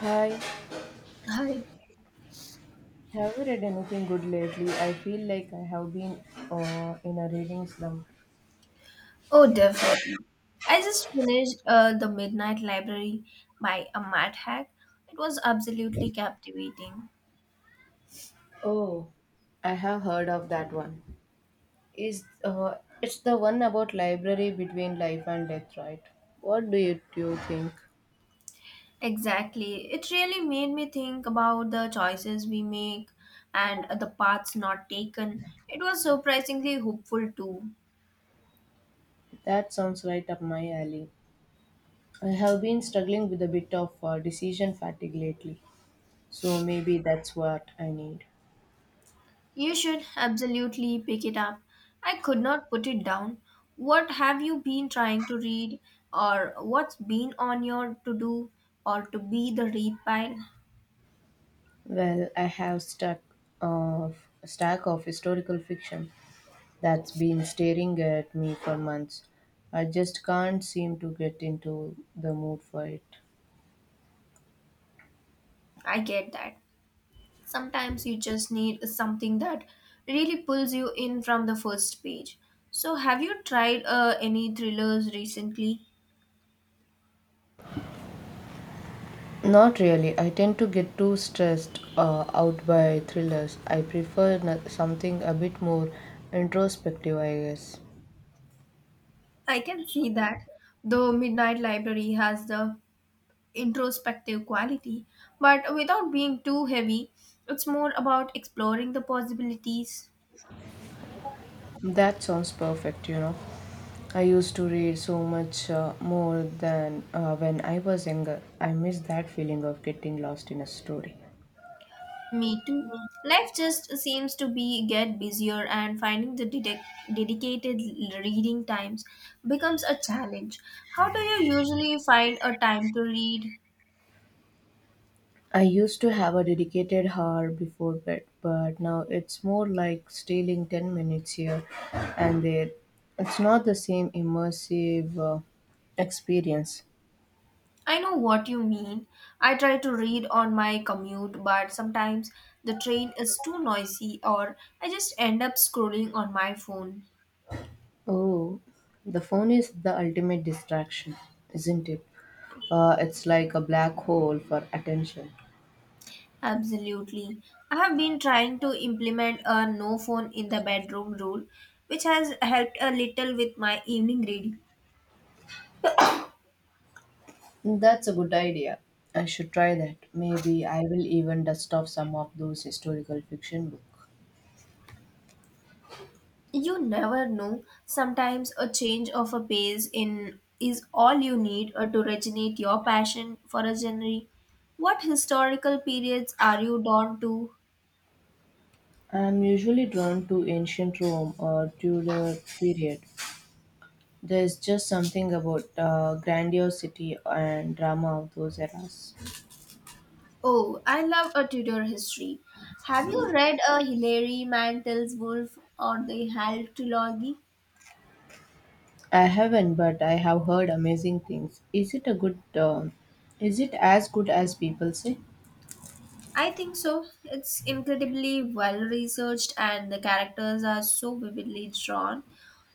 Hi, Hi. have you read anything good lately? I feel like I have been in a reading slump. Oh, definitely. I just finished The Midnight Library by Amat Hack. It was absolutely captivating. Oh, I have heard of that one. Is it's the one about library between life and death, right? What do you think? Exactly. It really made me think about the choices we make and the paths not taken. It was surprisingly hopeful, too. That sounds right up my alley. I have been struggling with a bit of decision fatigue lately, so maybe that's what I need. You should absolutely pick it up. I could not put it down. What have you been trying to read, or what's been on your to do or to be the read pile? Well, I have stuck a stack of historical fiction that's been staring at me for months. I just can't seem to get into the mood for it. I get that. Sometimes you just need something that really pulls you in from the first page. So have you tried any thrillers recently? Not really. I tend to get too stressed out by thrillers. I prefer something a bit more introspective, I guess. I can see that, though Midnight Library has the introspective quality but without being too heavy. It's more about exploring the possibilities. That sounds perfect, you know. I used to read so much more than when I was younger. I miss that feeling of getting lost in a story. Me too. Life just seems to be get busier and finding the dedicated reading times becomes a challenge. How do you usually find a time to read? I used to have a dedicated hour before bed, but now it's more like stealing 10 minutes here and there. It's not the same immersive experience. I know what you mean. I try to read on my commute, but sometimes the train is too noisy or I just end up scrolling on my phone. Oh, the phone is the ultimate distraction, isn't it? It's like a black hole for attention. Absolutely. I have been trying to implement a no phone in the bedroom rule, which has helped a little with my evening reading. That's a good idea. I should try that. Maybe I will even dust off some of those historical fiction books. You never know. Sometimes a change of a pace in is all you need to originate your passion for a genre. What historical periods are you drawn to? I'm usually drawn to ancient Rome or Tudor period. There's just something about grandiosity and drama of those eras. Oh, I love a Tudor history. Have you read a Hilary Mantel's Wolf or the Hal trilogy? I haven't, but I have heard amazing things. Is it a good? Is it as good as people say? I think so. It's incredibly well researched and the characters are so vividly drawn.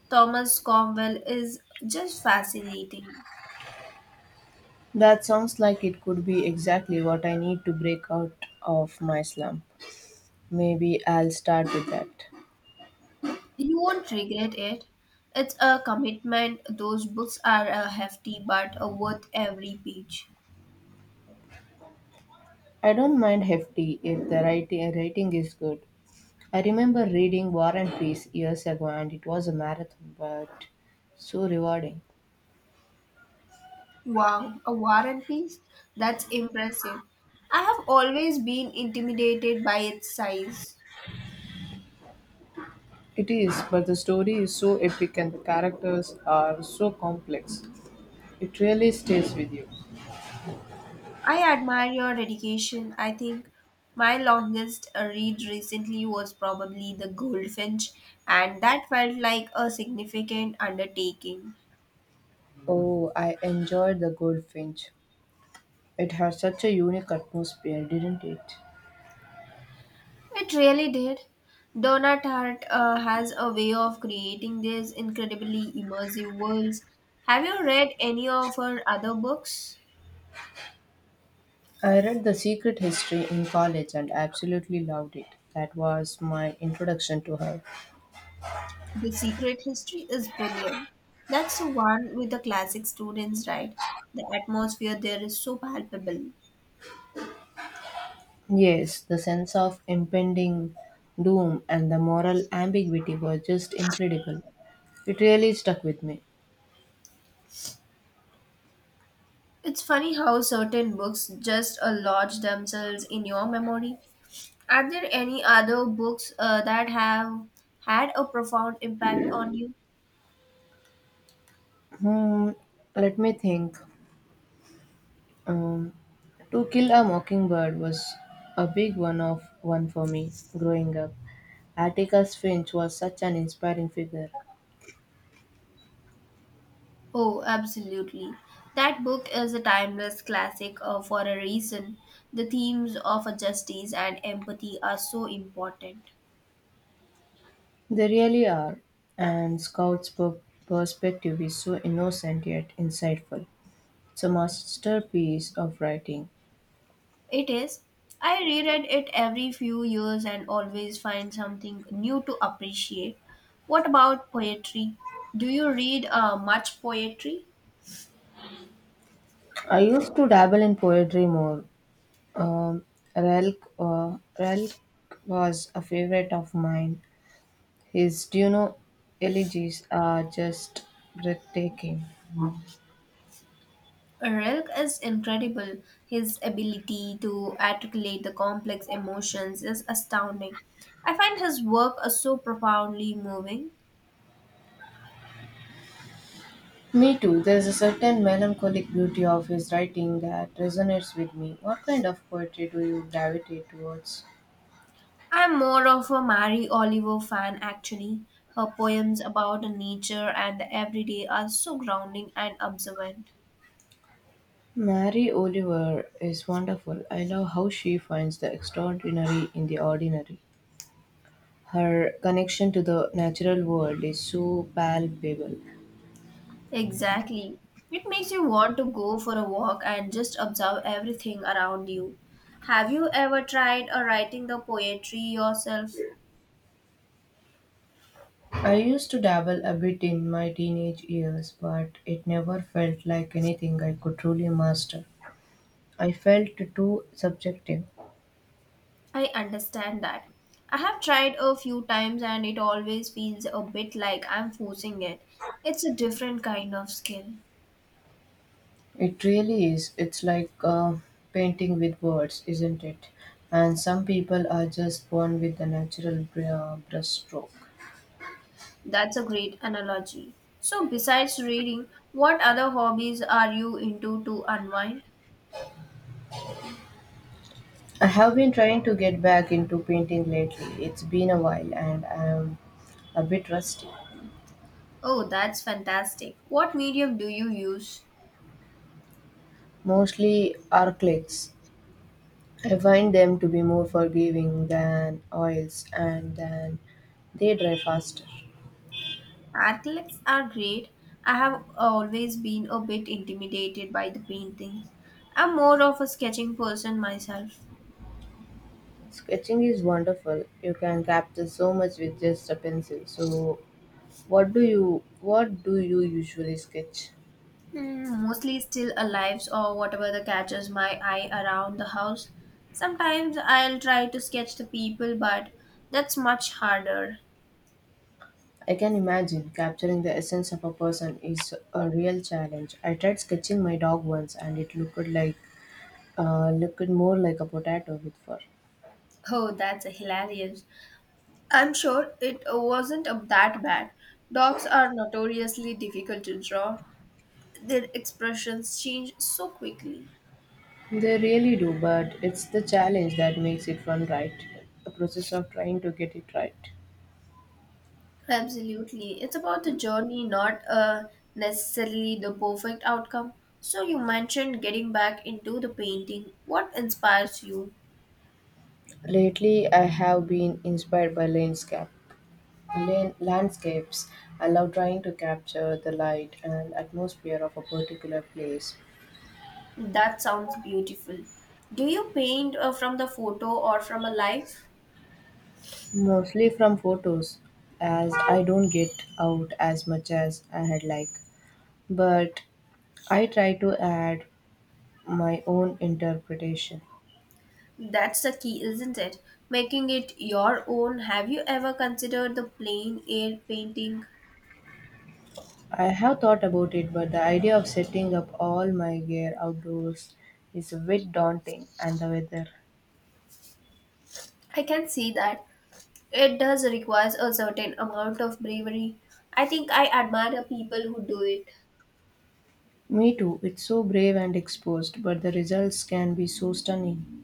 Thomas Cromwell is just fascinating. That sounds like it could be exactly what I need to break out of my slump. Maybe I'll start with that. You won't regret it. It's a commitment. Those books are hefty but worth every page. I don't mind hefty if the writing is good. I remember reading War and Peace years ago and it was a marathon, but so rewarding. Wow, a war and peace? That's impressive. I have always been intimidated by its size. It is, but the story is so epic and the characters are so complex. It really stays with you. I admire your dedication. I think my longest read recently was probably The Goldfinch, and that felt like a significant undertaking. Oh, I enjoyed The Goldfinch. It had such a unique atmosphere, didn't it? It really did. Donna Tartt has a way of creating these incredibly immersive worlds. Have you read any of her other books? I read The Secret History in college and absolutely loved it. That was my introduction to her. The Secret History is brilliant. That's the one with the classic students, right? The atmosphere there is so palpable. Yes, the sense of impending doom and the moral ambiguity were just incredible. It really stuck with me. It's funny how certain books just lodge themselves in your memory. Are there any other books that have had a profound impact on you? Hmm, let me think. Um, To Kill a Mockingbird was a big one for me growing up. Atticus Finch was such an inspiring figure. Oh, absolutely. That book is a timeless classic for a reason. The themes of justice and empathy are so important. They really are, and Scout's perspective is so innocent yet insightful. It's a masterpiece of writing. It is. I reread it every few years and always find something new to appreciate. What about poetry? Do you read much poetry? I used to dabble in poetry more. Um, Relk was a favorite of mine. His, do you know, elegies are just breathtaking. Rilke is incredible. His ability to articulate the complex emotions is astounding. I find his work so profoundly moving. Me too. There's a certain melancholic beauty of his writing that resonates with me. What kind of poetry do you gravitate towards? I'm more of a Mary Oliver fan, actually. Her poems about nature and the everyday are so grounding and observant. Mary Oliver is wonderful. I love how she finds the extraordinary in the ordinary. Her connection to the natural world is so palpable. Exactly. It makes you want to go for a walk and just observe everything around you. Have you ever tried writing the poetry yourself? I used to dabble a bit in my teenage years, but it never felt like anything I could truly master. I felt too subjective. I understand that. I have tried a few times and it always feels a bit like I'm forcing it. It's a different kind of skill. It really is. It's like painting with words, isn't it? And some people are just born with the natural brushstroke. That's a great analogy. So, besides reading, what other hobbies are you into to unwind? I have been trying to get back into painting lately. It's been a while and I'm a bit rusty. Oh, that's fantastic. What medium do you use? Mostly acrylics. I find them to be more forgiving than oils and then they dry faster. Acrylics are great. I have always been a bit intimidated by the paintings. I'm more of a sketching person myself. Sketching is wonderful. You can capture so much with just a pencil. So what do you usually sketch? Hmm, mostly still alives or whatever that catches my eye around the house. Sometimes I'll try to sketch the people, but that's much harder. I can imagine capturing the essence of a person is a real challenge. I tried sketching my dog once and it looked more like a potato with fur. Oh, that's hilarious. I'm sure it wasn't up that bad. Dogs are notoriously difficult to draw. Their expressions change so quickly. They really do, but it's the challenge that makes it fun, right? The process of trying to get it right. Absolutely. It's about the journey, not necessarily the perfect outcome. So, you mentioned getting back into the painting. What inspires you? Lately, I have been inspired by landscapes. I love trying to capture the light and atmosphere of a particular place. That sounds beautiful. Do you paint from the photo or from a life? Mostly from photos, as I don't get out as much as I had like. But I try to add my own interpretation. That's the key, isn't it? Making it your own. Have you ever considered the plain air painting? I have thought about it, but the idea of setting up all my gear outdoors is a bit daunting, and the weather. I can see that. It does require a certain amount of bravery. I think I admire people who do it. Me too, it's so brave and exposed, but the results can be so stunning.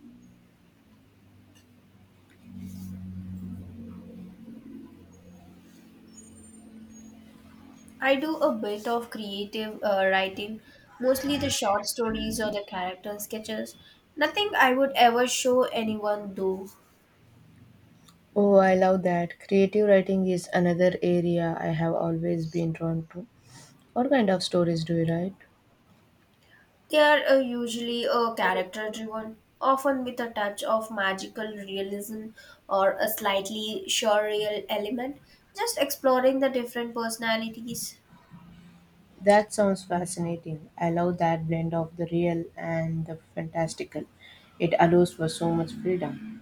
I do a bit of creative writing, mostly the short stories or the character sketches. Nothing I would ever show anyone, though. Oh, I love that. Creative writing is another area I have always been drawn to. What kind of stories do you write? They are usually character driven, often with a touch of magical realism or a slightly surreal element, just exploring the different personalities. That sounds fascinating. I love that blend of the real and the fantastical. It allows for so much freedom.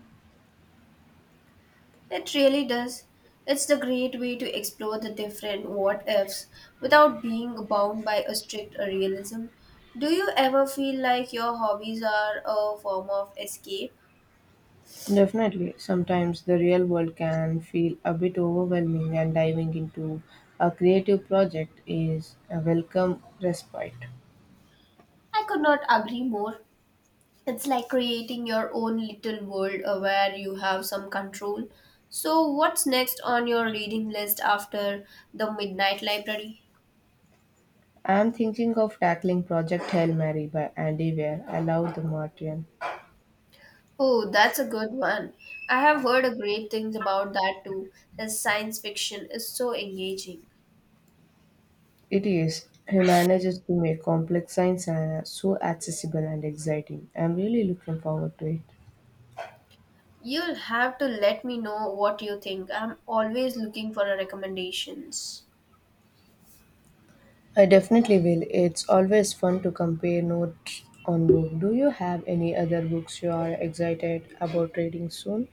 It really does. It's the great way to explore the different what ifs without being bound by a strict realism. Do you ever feel like your hobbies are a form of escape? Definitely, sometimes the real world can feel a bit overwhelming, and diving into a creative project is a welcome respite. I could not agree more. It's like creating your own little world where you have some control. So, what's next on your reading list after the Midnight Library? I'm thinking of tackling Project Hail Mary by Andy Weir. I love the Martian. Oh, that's a good one. I have heard a great things about that too. The science fiction is so engaging. It is. He manages to make complex science so accessible and exciting. I'm really looking forward to it. You'll have to let me know what you think. I'm always looking for recommendations. I definitely will. It's always fun to compare notes on book. Do you have any other books you are excited about reading soon?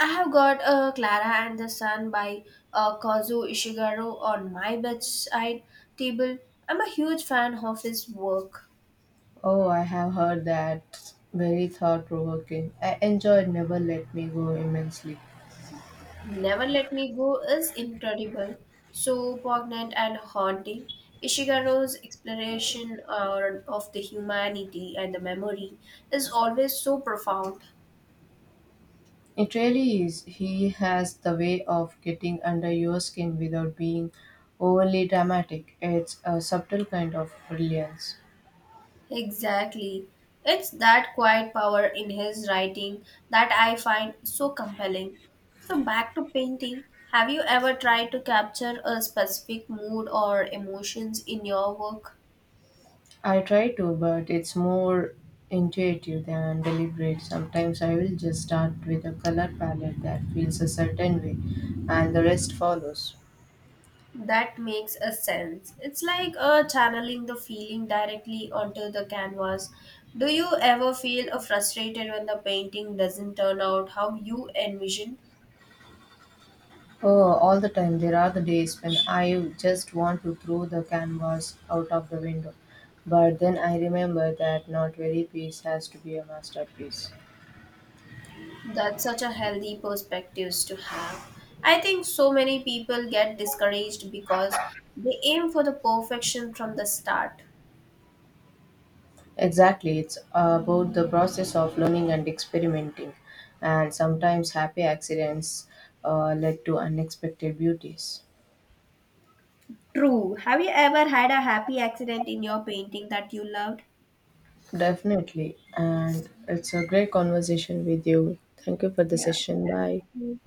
I have got Clara and the Sun by Kazu Ishiguro on my bedside table. I'm a huge fan of his work. Oh, I have heard that. Very thought provoking. I enjoyed Never Let Me Go immensely. Never Let Me Go is incredible, so poignant and haunting. Ishiguro's exploration of the humanity and the memory is always so profound. It really is. He has the way of getting under your skin without being overly dramatic. It's a subtle kind of brilliance. Exactly. It's that quiet power in his writing that I find so compelling. So, back to painting. Have you ever tried to capture a specific mood or emotions in your work? I try to, but it's more intuitive than deliberate. Sometimes I will just start with a color palette that feels a certain way, and the rest follows. That makes a sense. It's like channeling the feeling directly onto the canvas. Do you ever feel frustrated when the painting doesn't turn out how you envision? Oh, all the time. There are the days when I just want to throw the canvas out of the window. But then I remember that not every piece has to be a masterpiece. That's such a healthy perspectives to have. I think so many people get discouraged because they aim for the perfection from the start. Exactly, it's about the process of learning and experimenting. And sometimes happy accidents led to unexpected beauties. True. Have you ever had a happy accident in your painting that you loved? Definitely. And it's a great conversation with you. Thank you for the Yeah. session. Thank Bye. you.